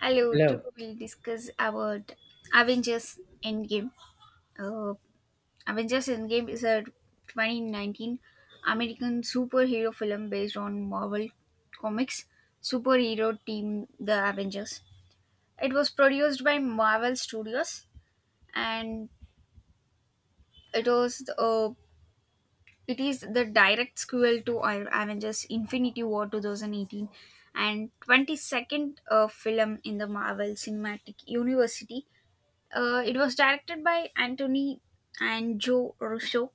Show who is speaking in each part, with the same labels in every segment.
Speaker 1: Hello, today
Speaker 2: Hello.
Speaker 1: we'll discuss about Avengers Endgame. Uh, Avengers Endgame is a 2019 American superhero film based on Marvel Comics superhero team The Avengers. It was produced by Marvel Studios and it was uh, it is the direct sequel to Avengers Infinity War 2018 and 22nd film in the Marvel Cinematic Universe. It was directed by Anthony and Joe Russo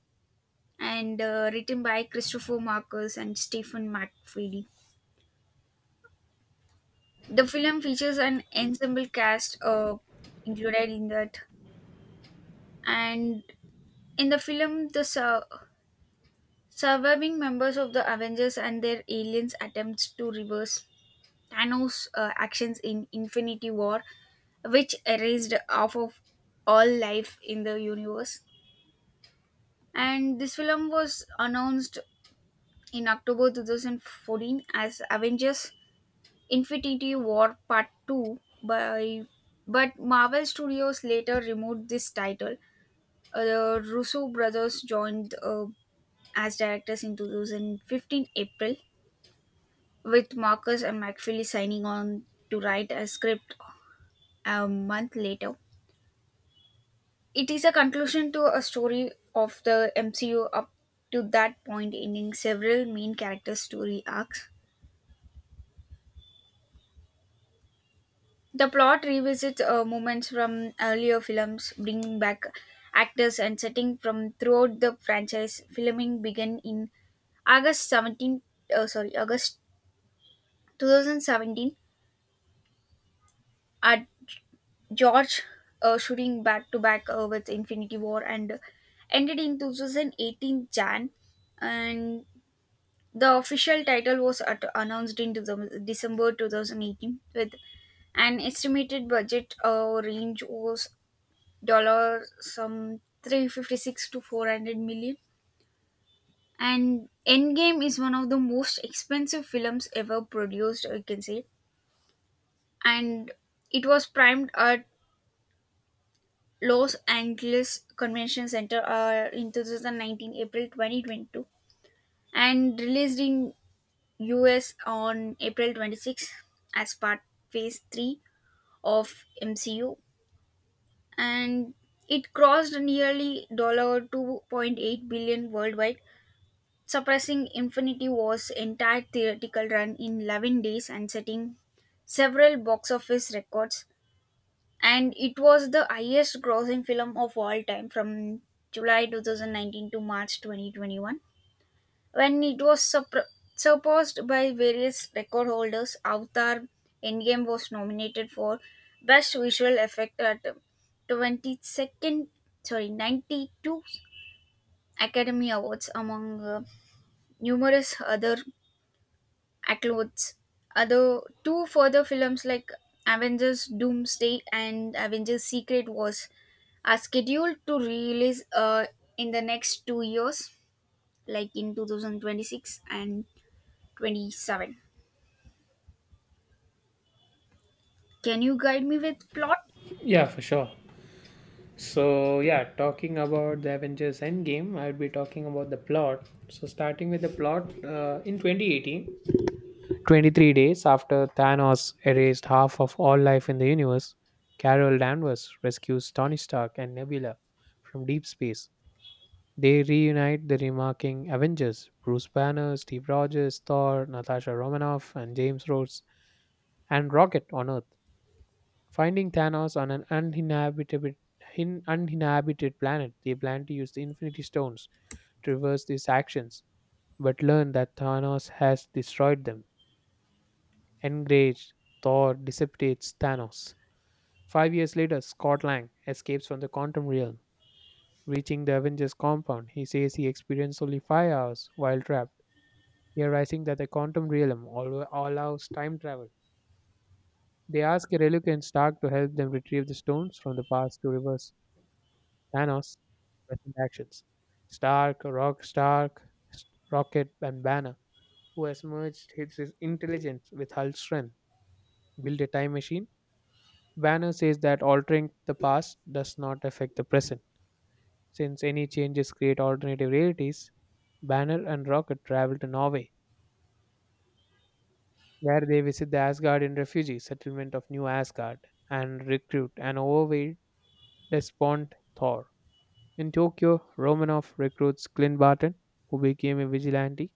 Speaker 1: and written by Christopher Marcus and Stephen McFeely. The film features an ensemble cast included in that. And in the film, the surviving members of the Avengers and their aliens attempts to reverse Thanos' actions in Infinity War, which erased half of all life in the universe. And this film was announced in October 2014 as Avengers Infinity War Part 2 by but Marvel Studios later removed this title. The Russo brothers joined as directors in 2015 April with Marcus and McFeely signing on to write a script a month later. It is a conclusion to a story of the MCU up to that point, ending several main character story arcs. The plot revisits moments from earlier films, bringing back actors and setting from throughout the franchise. Filming began in August 17, sorry, August 2017 at George, shooting back to back with Infinity War and ended in 2018 Jan. And the official title was announced in December 2018 with an estimated budget range was dollar some 356 to 400 million, and Endgame is one of the most expensive films ever produced, you can say. And it was primed at Los Angeles Convention Center in 2019 April 2022 and released in US on April 26 as part Phase 3 of MCU. And it crossed nearly $2.8 worldwide. Suppressing Infinity War's entire theatrical run in 11 days and setting several box office records, and it was the highest grossing film of all time from July 2019 to March 2021, when it was surpassed by various record holders. Avatar Endgame was nominated for Best Visual Effect at the 22nd, sorry, 92 Academy Awards among numerous other clothes. Other two further films like Avengers Doomsday and Avengers Secret Wars are scheduled to release in the next 2 years, like in 2026 and 27. Can you guide me with plot?
Speaker 2: Yeah, for sure. Talking about the Avengers Endgame, I'll be talking about the plot. So, starting with the plot, in 2018, 23 days after Thanos erased half of all life in the universe, Carol Danvers rescues Tony Stark and Nebula from deep space. They reunite the remarking Avengers, Bruce Banner, Steve Rogers, Thor, Natasha Romanoff, and James Rhodes, and Rocket on Earth. Finding Thanos on an uninhabited planet, they plan to use the Infinity Stones to reverse these actions, but learn that Thanos has destroyed them. Enraged, Thor dissipates Thanos. 5 years later, Scott Lang escapes from the quantum realm. Reaching the Avengers compound, he says he experienced only 5 hours while trapped, realizing that the quantum realm allows time travel. They ask a reluctant Stark to help them retrieve the stones from the past to reverse Thanos, present actions. Stark, Rock Stark, S- Rocket, and Banner, who has merged his intelligence with Hulk's strength, build a time machine. Banner says that altering the past does not affect the present. Since any changes create alternative realities, Banner and Rocket travel to Norway, where they visit the Asgardian refugee settlement of New Asgard and recruit an overweight, despondent Thor. In Tokyo, Romanov recruits Clint Barton, who became a vigilante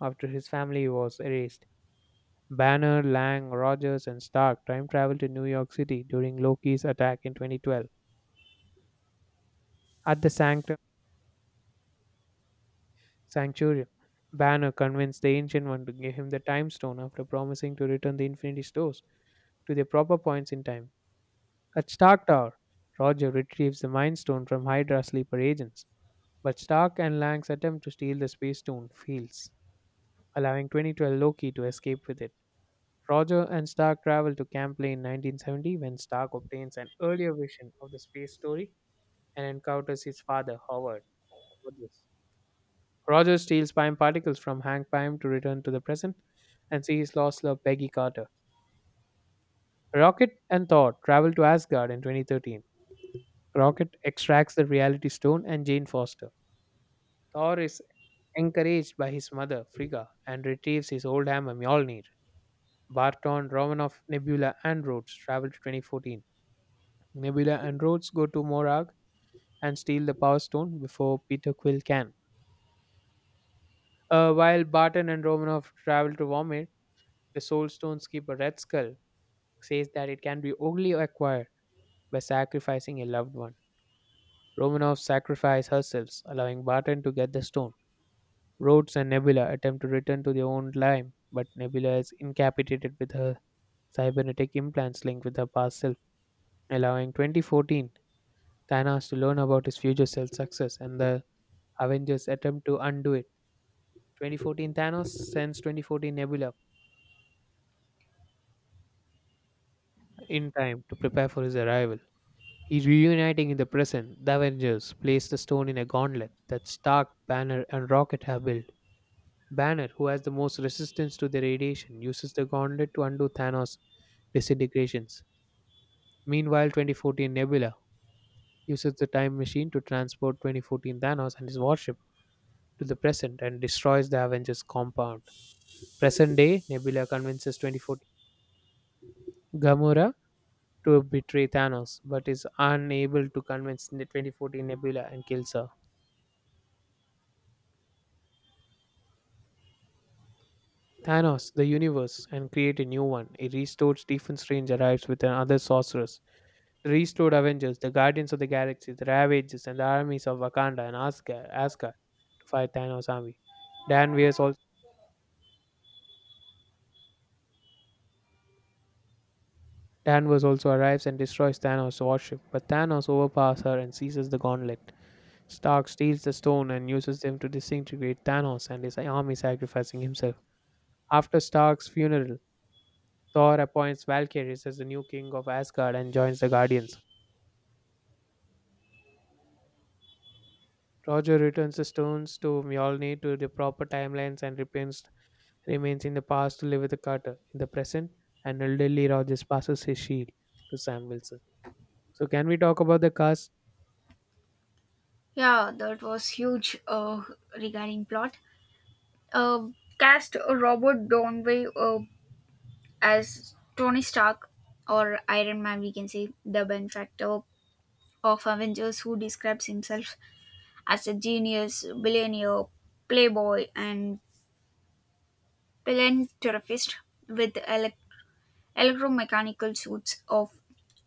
Speaker 2: after his family was erased. Banner, Lang, Rogers, and Stark time travel to New York City during Loki's attack in 2012. At the sanctum, Sanctuary, Banner convinced the Ancient One to give him the Time Stone after promising to return the Infinity Stones to their proper points in time. At Stark Tower, Roger retrieves the Mind Stone from Hydra sleeper agents, but Stark and Lang's attempt to steal the Space Stone fails, allowing 2012 Loki to escape with it. Roger and Stark travel to Campley in 1970 when Stark obtains an earlier vision of the space story and encounters his father, Howard. Rogers Roger steals Pym particles from Hank Pym to return to the present and see his lost love, Peggy Carter. Rocket and Thor travel to Asgard in 2013. Rocket extracts the Reality Stone and Jane Foster. Thor is encouraged by his mother, Frigga, and retrieves his old hammer, Mjolnir. Barton, Romanov, Nebula, and Rhodes travel to 2014. Nebula and Rhodes go to Morag and steal the Power Stone before Peter Quill can. While Barton and Romanov travel to Vomit, the Soul Stone's keeper Red Skull says that it can be only acquired by sacrificing a loved one. Romanov sacrifices herself, allowing Barton to get the stone. Rhodes and Nebula attempt to return to their own time, but Nebula is incapacitated with her cybernetic implants linked with her past self, allowing 2014 Thanos to learn about his future self's success, and the Avengers attempt to undo it. 2014 Thanos sends 2014 Nebula in time to prepare for his arrival. He reuniting in the present, the Avengers place the stone in a gauntlet that Stark, Banner, and Rocket have built. Banner, who has the most resistance to the radiation, uses the gauntlet to undo Thanos' disintegrations. Meanwhile, 2014 Nebula uses the time machine to transport 2014 Thanos and his warship to the present and destroys the Avengers compound. Present day, Nebula convinces 2014 Gamora to betray Thanos, but is unable to convince the 2014 Nebula and kills her. Thanos, the universe, and create a new one. A restored Stephen Strange arrives with another sorceress. The restored Avengers, the Guardians of the Galaxy, the Ravagers, and the armies of Wakanda and Asgard to fight Thanos' army. Danvers also, Danvers also arrives and destroys Thanos' warship, but Thanos overpowers her and seizes the gauntlet. Stark steals the stone and uses them to disintegrate Thanos and his army, sacrificing himself. After Stark's funeral, Thor appoints Valkyries as the new king of Asgard and joins the Guardians. Roger returns the stones to Mjolnir to the proper timelines and remains in the past to live with the Carter. In the present, an elderly Rogers passes his shield to Sam Wilson. So, can we talk about the cast?
Speaker 1: Yeah, that was huge regarding plot. Uh, Cast: Robert Downey as Tony Stark or Iron Man, we can say, the benefactor of Avengers who describes himself as a genius, billionaire, playboy, and philanthropist with electromechanical suits of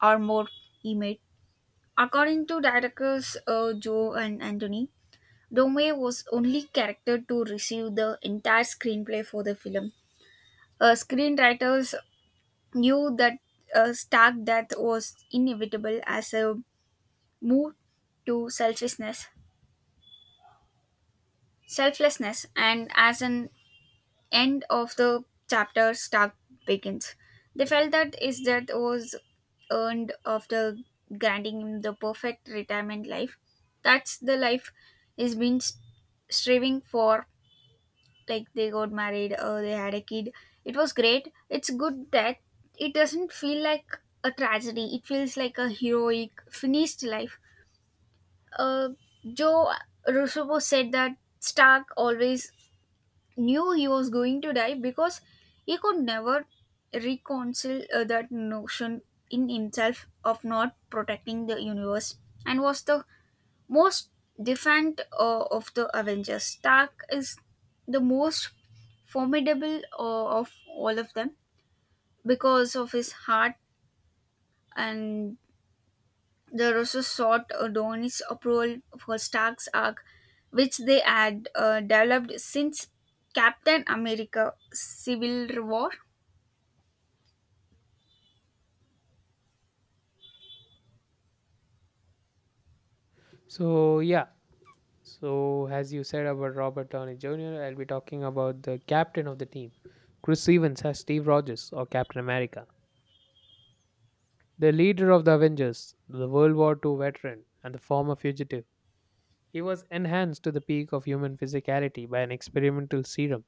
Speaker 1: armor he made. According to directors Joe and Anthony, Dome was only character to receive the entire screenplay for the film. Screenwriters knew that a stark death was inevitable as a move to selfishness, selflessness, and as an end of the chapter Stark begins. They felt that his death was earned after granting him the perfect retirement life. That's the life he's been striving for. Like they got married, they had a kid. It was great. It's good that it doesn't feel like a tragedy. It feels like a heroic, finished life. Uh, Joe Russo said that Stark always knew he was going to die because he could never reconcile that notion in himself of not protecting the universe, and was the most defiant of the Avengers. Stark is the most formidable of all of them because of his heart, and they also sought Adonis' approval for Stark's arc, which they had developed since Captain America Civil War.
Speaker 2: So, yeah, So, as you said about Robert Downey Jr., I'll be talking about the captain of the team, Chris Evans as Steve Rogers or Captain America. The leader of the Avengers, the World War II veteran, and the former fugitive. He was enhanced to the peak of human physicality by an experimental serum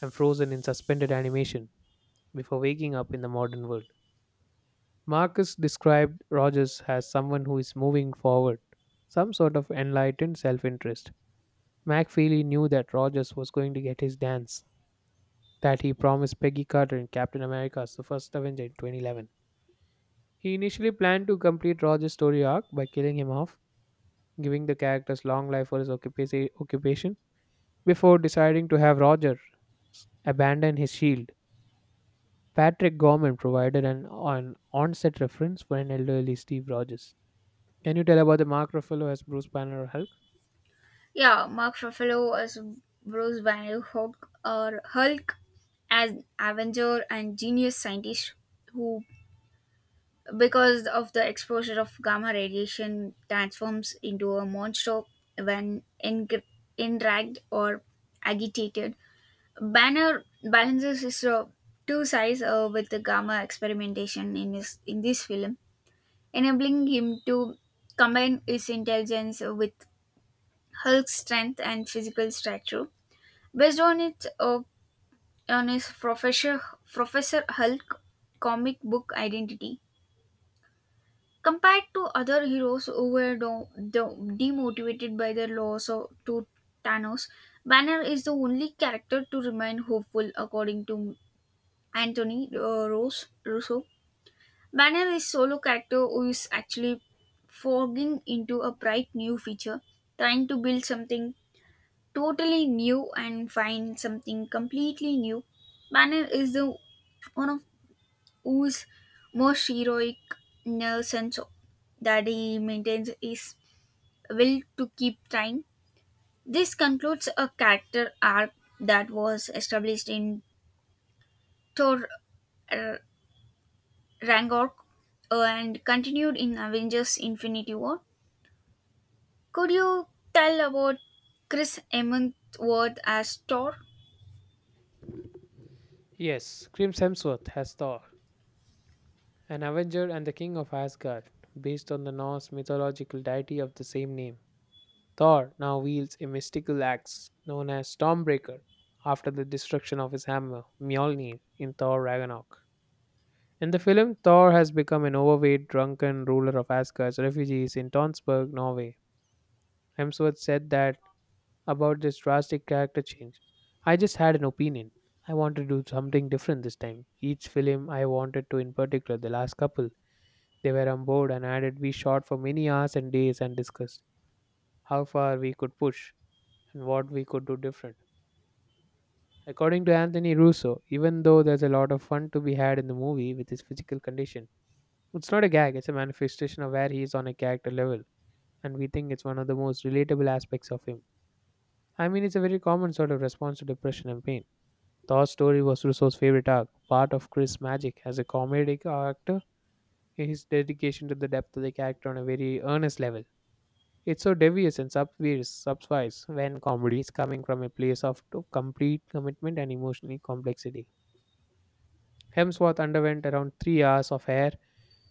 Speaker 2: and frozen in suspended animation before waking up in the modern world. Marcus described Rogers as someone who is moving forward, some sort of enlightened self interest. McFeely knew that Rogers was going to get his dance that he promised Peggy Carter in Captain America's The First Avenger in 2011. He initially planned to complete Roger's story arc by killing him off, giving the character's long life for his occupation, before deciding to have Roger abandon his shield. Patrick Gorman provided an on-set reference for an elderly Steve Rogers. Can you tell about the Mark Ruffalo as Bruce Banner or Hulk?
Speaker 1: Yeah, Mark Ruffalo as Bruce Banner, Hulk as Avenger and genius scientist who, because of the exposure of gamma radiation, transforms into a monster when enraged or agitated. Banner balances his two sides with the gamma experimentation in this film, enabling him to combine his intelligence with Hulk's strength and physical stature. Based on his Professor Hulk comic book identity. Compared to other heroes who were demotivated by their loss of- to Thanos, Banner is the only character to remain hopeful, according to Anthony Rose Russo. Banner is solo character who is actually forging into a bright new future, trying to build something totally new and find something completely new. Banner is the one of whose most heroic in a sense that he maintains his will to keep trying. This concludes a character arc that was established in Thor uh, Rangor and continued in Avengers Infinity War. Could you tell about Chris Hemsworth as Thor?
Speaker 2: Yes, Chris Hemsworth has Thor, an Avenger and the King of Asgard, based on the Norse mythological deity of the same name. Thor now wields a mystical axe known as Stormbreaker after the destruction of his hammer, Mjolnir, in Thor Ragnarok. In the film, Thor has become an overweight, drunken ruler of Asgard's refugees in Tonsberg, Norway. Hemsworth said that about this drastic character change. I just had an opinion. I wanted to do something different this time. Each film I wanted to, in particular, the last couple, they were on board and added we shot for many hours and days and discussed how far we could push and what we could do different. According to Anthony Russo, even though there's a lot of fun to be had in the movie with his physical condition, it's not a gag, it's a manifestation of where he is on a character level, and we think it's one of the most relatable aspects of him. I mean, it's a very common sort of response to depression and pain. Thor's story was Russo's favorite arc, part of Chris' magic as a comedic actor, his dedication to the depth of the character on a very earnest level. It's so devious and subversive subsvise when comedy is coming from a place of complete commitment and emotional complexity. Hemsworth underwent around 3 hours of hair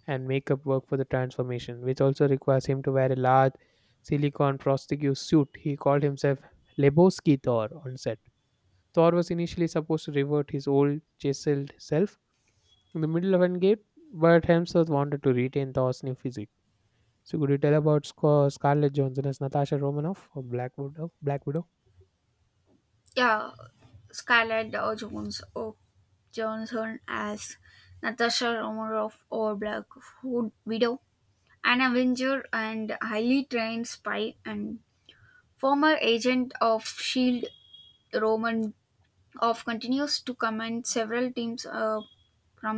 Speaker 2: and makeup work for the transformation, which also requires him to wear a large silicone prosthetic suit. He called himself Lebowski Thor on set. Thor was initially supposed to revert his old chiseled self in the middle of Endgame, but Hemsworth wanted to retain Thor's new physique. So could you tell about Scarlett Johansson as Natasha Romanoff or Black Widow? Black Widow.
Speaker 1: Yeah, Scarlett Jones or Johnson as Natasha Romanoff or Black Hood Widow, an Avenger and highly trained spy and former agent of S.H.I.E.L.D. Roman of continues to command several teams from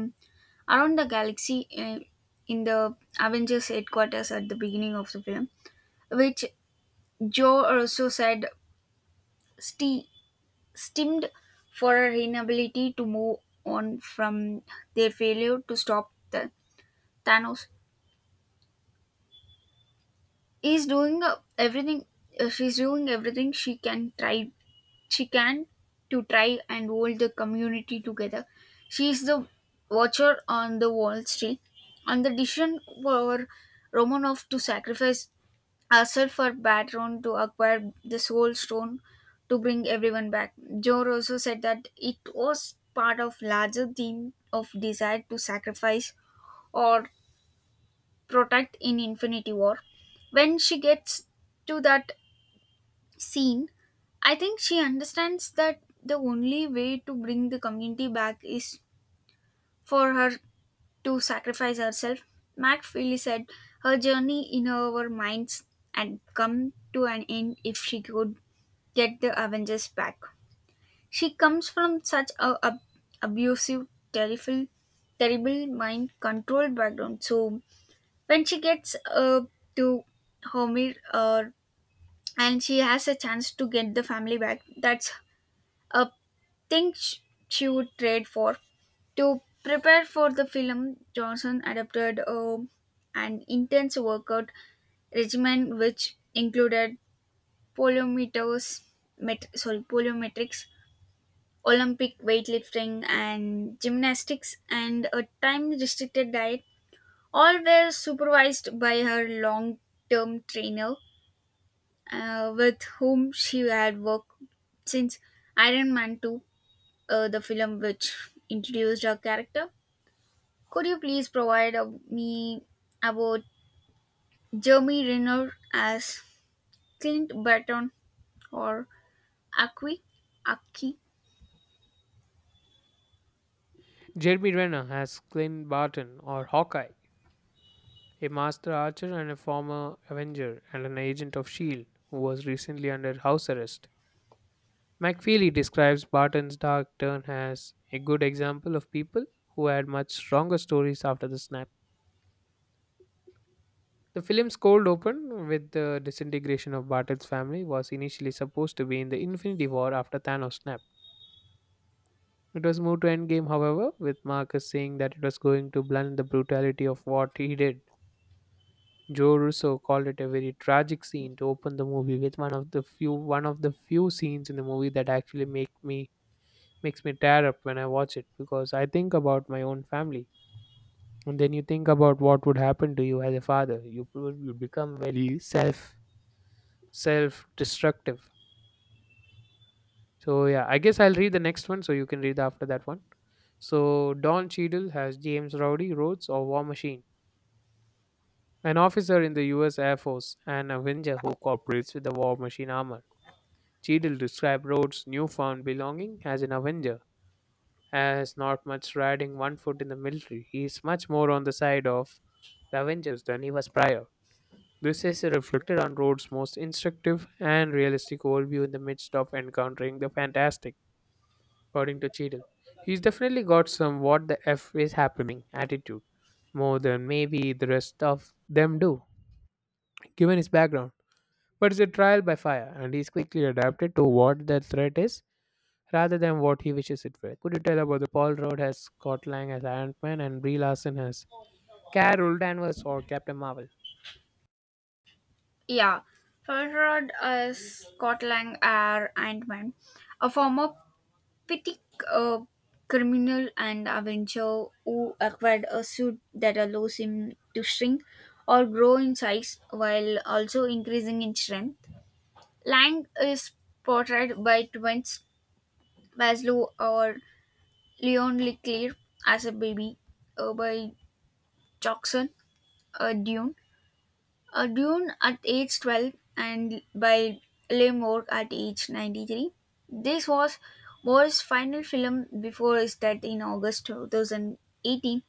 Speaker 1: around the galaxy in the Avengers headquarters at the beginning of the film, which Joe also said sti- stemmed for her inability to move on from their failure to stop the Thanos. Is doing everything. She's doing everything she can try. She can to try and hold the community together. She is the watcher on the Wall Street, and the decision for Romanov to sacrifice hustled for Batron to acquire the Soul Stone to bring everyone back. Jor also said that it was part of larger theme of desire to sacrifice or protect in Infinity War. When she gets to that scene, I think she understands that the only way to bring the community back is for her to sacrifice herself. Mac Feely said her journey in her minds had come to an end if she could get the Avengers back. She comes from such a abusive, terrible, terrible mind controlled background. So when she gets to Homer and she has a chance to get the family back, that's a thing she would trade for. To prepare for the film, Johnson adopted an intense workout regimen which included polyometers, sorry, polyometrics, Olympic weightlifting and gymnastics, and a time restricted diet, all were supervised by her long term trainer with whom she had worked since Iron Man 2, the film which introduced her character. Could you please provide me about Jeremy Renner as Clint Barton or Aki? Aki?
Speaker 2: Jeremy Renner as Clint Barton or Hawkeye, a master archer and a former Avenger and an agent of S.H.I.E.L.D. who was recently under house arrest. McFeely describes Barton's dark turn as a good example of people who had much stronger stories after the snap. The film's cold open with the disintegration of Barton's family was initially supposed to be in the Infinity War after Thanos snapped. It was moved to Endgame, however, with Marcus saying that it was going to blunt the brutality of what he did. Joe Russo called it a very tragic scene to open the movie with one of the few scenes in the movie that actually makes me tear up when I watch it because I think about my own family. And then you think about what would happen to you as a father. You become very self destructive. So yeah, I guess I'll read the next one so you can read after that one. So Don Cheadle has James Rowdy Rhodes or War Machine, an officer in the U.S. Air Force and a Avenger who cooperates with the War Machine armor. Cheadle described Rhodes' newfound belonging as an Avenger has not much riding one foot in the military. He is much more on the side of the Avengers than he was prior. This is reflected on Rhodes' most instructive and realistic worldview in the midst of encountering the fantastic, according to Cheadle. He's definitely got some what the F is happening attitude, more than maybe the rest of them do, given his background. But it's a trial by fire, and he's quickly adapted to what the threat is rather than what he wishes it were. Could you tell about the Paul Rudd as Scott Lang as Ant Man and Brie Larson as Carol Danvers or Captain Marvel?
Speaker 1: Yeah, Farrod Scotland are Ant-Man, a former petty uh, criminal and avenger who acquired a suit that allows him to shrink or grow in size while also increasing in strength. Lang is portrayed by twins Maslow or Leon Leclerc as a baby by Jackson uh, Dune Dune at age 12 and by Le Moore at age 93. This was Moore's final film before his death in August 2018.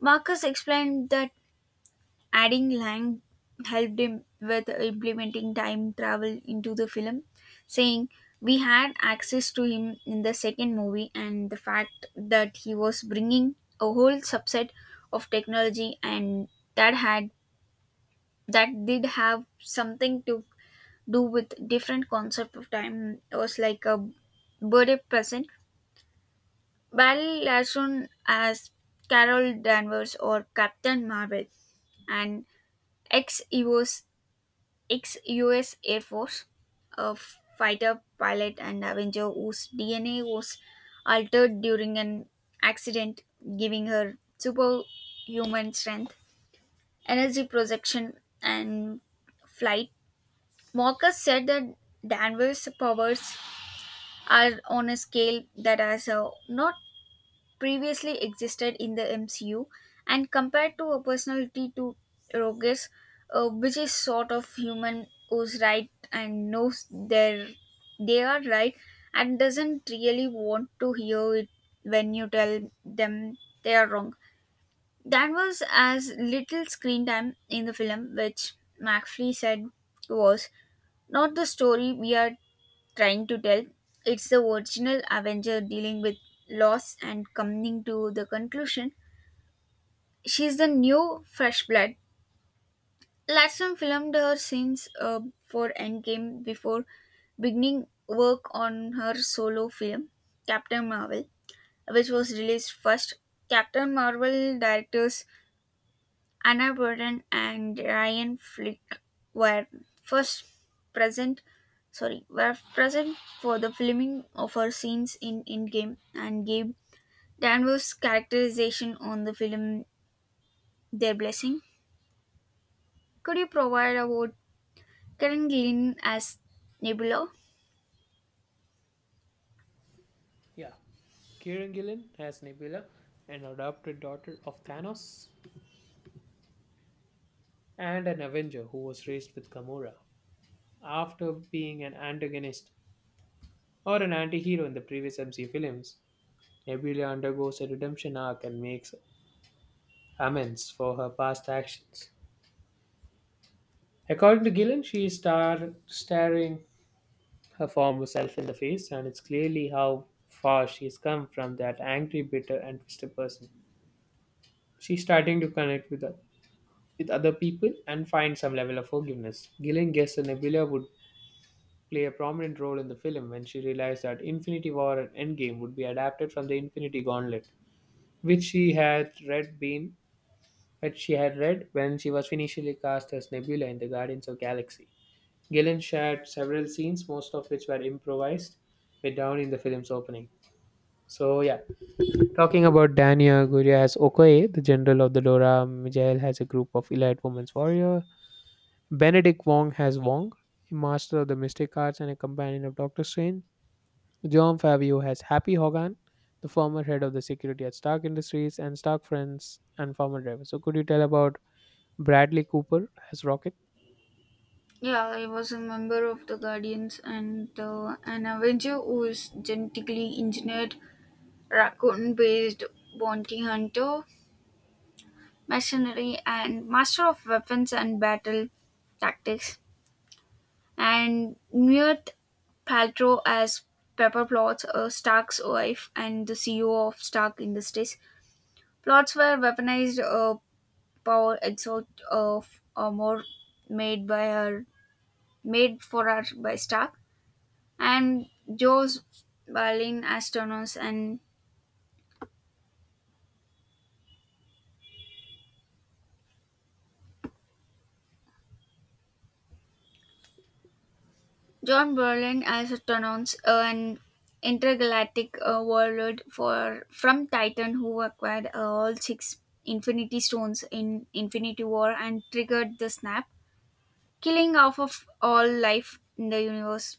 Speaker 1: Marcus explained that adding Lang helped him with implementing time travel into the film, saying, we had access to him in the second movie, and the fact that he was bringing a whole subset of technology and that had that did have something to do with different concept of time, it was like a birthday present. Well, as soon as Carol Danvers or Captain Marvel, an ex-us ex-us Air Force, a fighter pilot and avenger whose DNA was altered during an accident, giving her superhuman strength, energy projection, and flight. Mockers said that Danvers' powers are on a scale that has not previously existed in the MCU and compared to a personality to Rogues, which is sort of human who's right and knows their they are right and doesn't really want to hear it when you tell them they are wrong. Danvers has little screen time in the film, which McFly said was not the story we are trying to tell. It's the original Avenger dealing with loss and coming to the conclusion. She's the new fresh blood. Latson filmed her scenes for Endgame before beginning work on her solo film, Captain Marvel, which was released first. Captain Marvel director Anna Boden and Ryan Flick were first present sorry were present for the filming of her scenes in Endgame and gave Danvers' characterization on the film their blessing. Could you provide about Karen Gillan as Nebula?
Speaker 2: Yeah, Kieran Gillen as Nebula, an adopted daughter of Thanos, and an Avenger who was raised with Gamora. After being an antagonist or an anti-hero in the previous MCU films, Nebula undergoes a redemption arc and makes amends for her past actions. According to Gillen, she is starring her former self in the face, and it's clearly how far she's come from that angry, bitter, and twisted person. She's starting to connect with other people and find some level of forgiveness. Gillen guessed that Nebula would play a prominent role in the film when she realized that Infinity War and Endgame would be adapted from the Infinity Gauntlet, which she had read been which she had read when she was initially cast as Nebula in the Guardians of Galaxy. Gillen shared several scenes, most of which were improvised, with Downey in the film's opening. So yeah, talking about Dania Guria as Okoye, the general of the Dora, Mijael has a group of elite women's warrior. Benedict Wong has Wong, a master of the mystic arts and a companion of Doctor Strange. John Fabio has Happy Hogan, the former head of the security at Stark Industries and Stark Friends and former driver. So could you tell about Bradley Cooper as Rocket?
Speaker 1: Yeah, I was a member of the Guardians and an Avenger who is genetically engineered raccoon based bounty hunter Machinery and master of weapons and battle tactics, and Gwyneth Paltrow as Pepper Potts, Stark's wife and the CEO of Stark Industries. Plots were weaponized power exalt of more made by her, made for her by Stark, and Joe's violin as Thanos and John Berlin as Astronaut, an intergalactic warlord for from Titan who acquired all six Infinity Stones in Infinity War and triggered the snap, killing off of all life in the universe.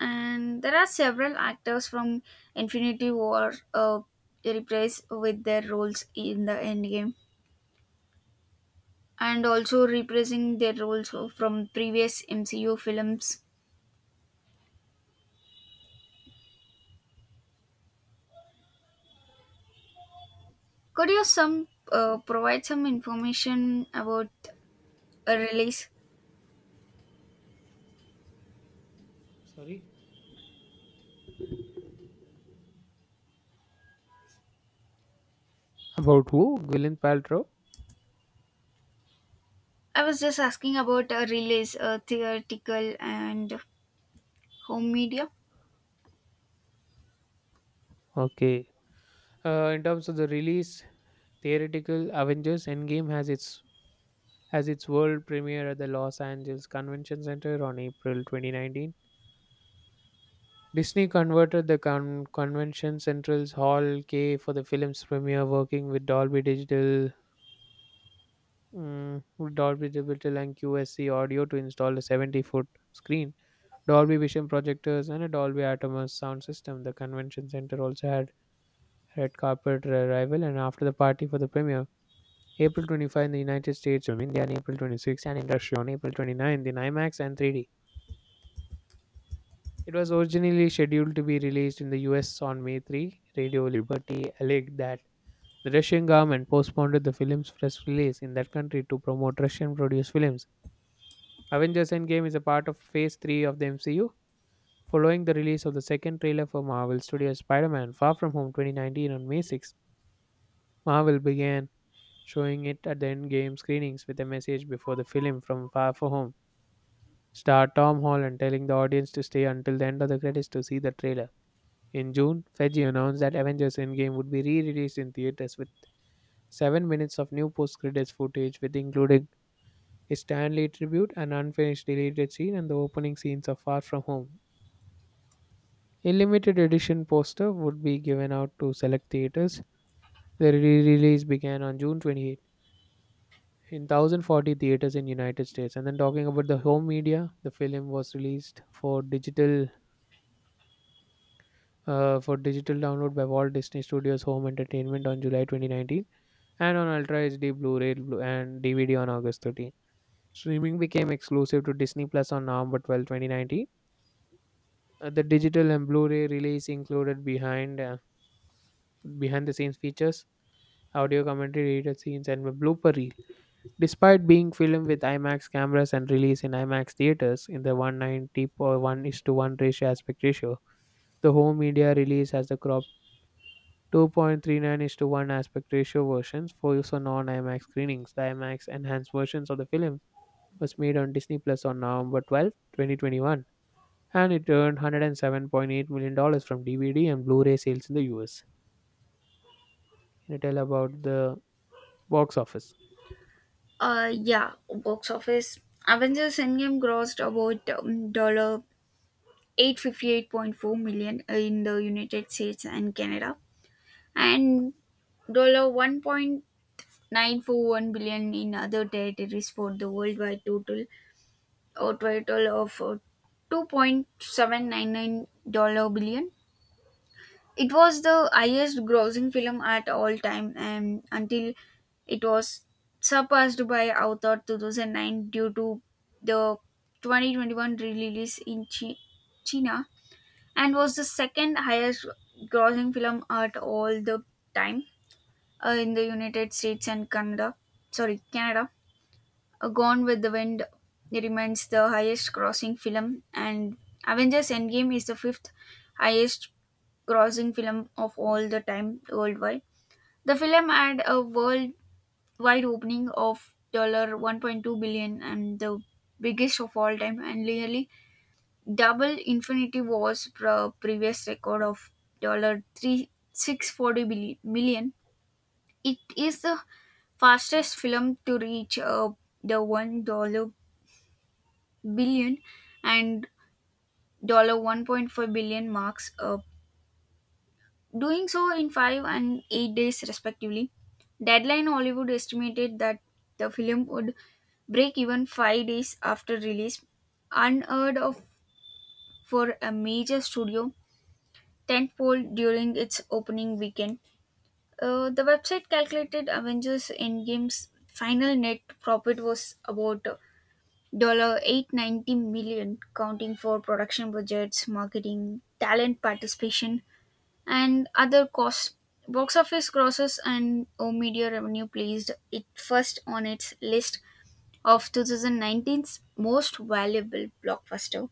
Speaker 1: And there are several actors from Infinity War reprised with their roles in the Endgame, and also reprising their roles from previous MCU films. Could you some provide some information about a release?
Speaker 2: Sorry. About who? Gwyneth Paltrow.
Speaker 1: I was just asking about a release, theoretical and home media.
Speaker 2: Okay. In terms of the release, theoretical Avengers Endgame has its as its world premiere at the Los Angeles Convention Center on April 2019. Disney converted the Convention Center's Hall K for the film's premiere, working with Dolby Digital and QSC Audio to install a 70-foot screen, Dolby Vision projectors, and a Dolby Atmos sound system. The Convention Center also had red carpet arrival and after the party for the premiere. April 25 in the United States, in India, and April 26 and in Russia on April 29 in IMAX and 3D. It was originally scheduled to be released in the US on May 3. Radio Liberty alleged that the Russian government postponed the film's first release in that country to promote Russian produced films. Avengers Endgame is a part of Phase 3 of the MCU. Following the release of the second trailer for Marvel Studios Spider Man Far From Home 2019 on May 6, Marvel began showing it at the Endgame screenings with a message before the film from Far From Home star Tom Holland telling the audience to stay until the end of the credits to see the trailer. In June, Feige announced that Avengers Endgame would be re-released in theaters with 7 minutes of new post-credits footage with including a Stanley tribute, an unfinished deleted scene and the opening scenes of Far From Home. A limited edition poster would be given out to select theaters. The re-release began on June 28 in 1,040 theaters in United States. And then talking about the home media, the film was released for digital download by Walt Disney Studios Home Entertainment on July 2019, and on Ultra HD Blu-ray and DVD on August 13. Streaming became exclusive to Disney Plus on November 12, 2019. The digital and Blu-ray release included behind the scenes features, audio commentary, deleted scenes, and a blooper reel. Despite being filmed with IMAX cameras and released in IMAX theaters in the 190 per 1 is to 1 ratio aspect ratio, the home media release has the crop 2.39 is to 1 aspect ratio versions for use on non IMAX screenings. The IMAX enhanced versions of the film was made on Disney Plus on November 12, twenty 2021, and it earned 107.8 million dollars from DVD and Blu-ray sales in the US. Can you tell about the box office?
Speaker 1: Yeah, box office. Avengers Endgame grossed about $858.4 million in the United States and Canada, and $1.941 billion in other territories for the worldwide total, a total of 2.799-dollar billion. It was the highest grossing film at all time and until it was surpassed by Avatar 2009 due to the 2021 release in China, and was the second highest grossing film at all the time in the United States and Canada. Sorry, Canada Gone with the Wind remains the highest grossing film, and Avengers Endgame is the fifth highest grossing film of all the time worldwide. The film had a worldwide opening of $1.2 and the biggest of all time, and nearly double Infinity War's previous record of dollars billi- It is the fastest film to reach the $1 billion and $1.4 billion marks, doing so in 5 and 8 days respectively. Deadline Hollywood estimated that the film would break even 5 days after release, unheard of for a major studio tentpole during its opening weekend. The website calculated Avengers Endgame's final net profit was about $890, counting for production budgets, marketing, talent participation, and other costs. Box office grosses and O Media revenue placed it first on its list of 2019's most valuable blockbuster.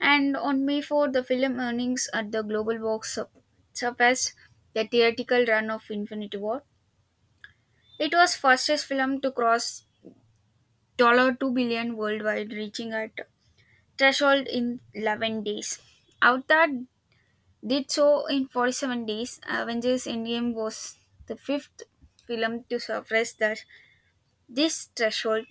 Speaker 1: And on May 4, the film earnings at the global box surpassed the theatrical run of Infinity War. It was fastest film to cross $2 billion worldwide, reaching at threshold in 11 days. Avatar did so in 47 days. Avengers Endgame was the fifth film to surpass that this threshold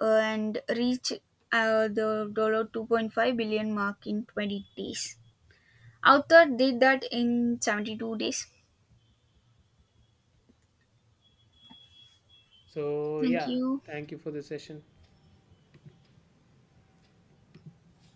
Speaker 1: and reach the $2.5 billion mark in 20 days. Avatar did that in 72 days.
Speaker 2: So
Speaker 1: Thank
Speaker 2: yeah,
Speaker 1: you.
Speaker 2: thank you for the session.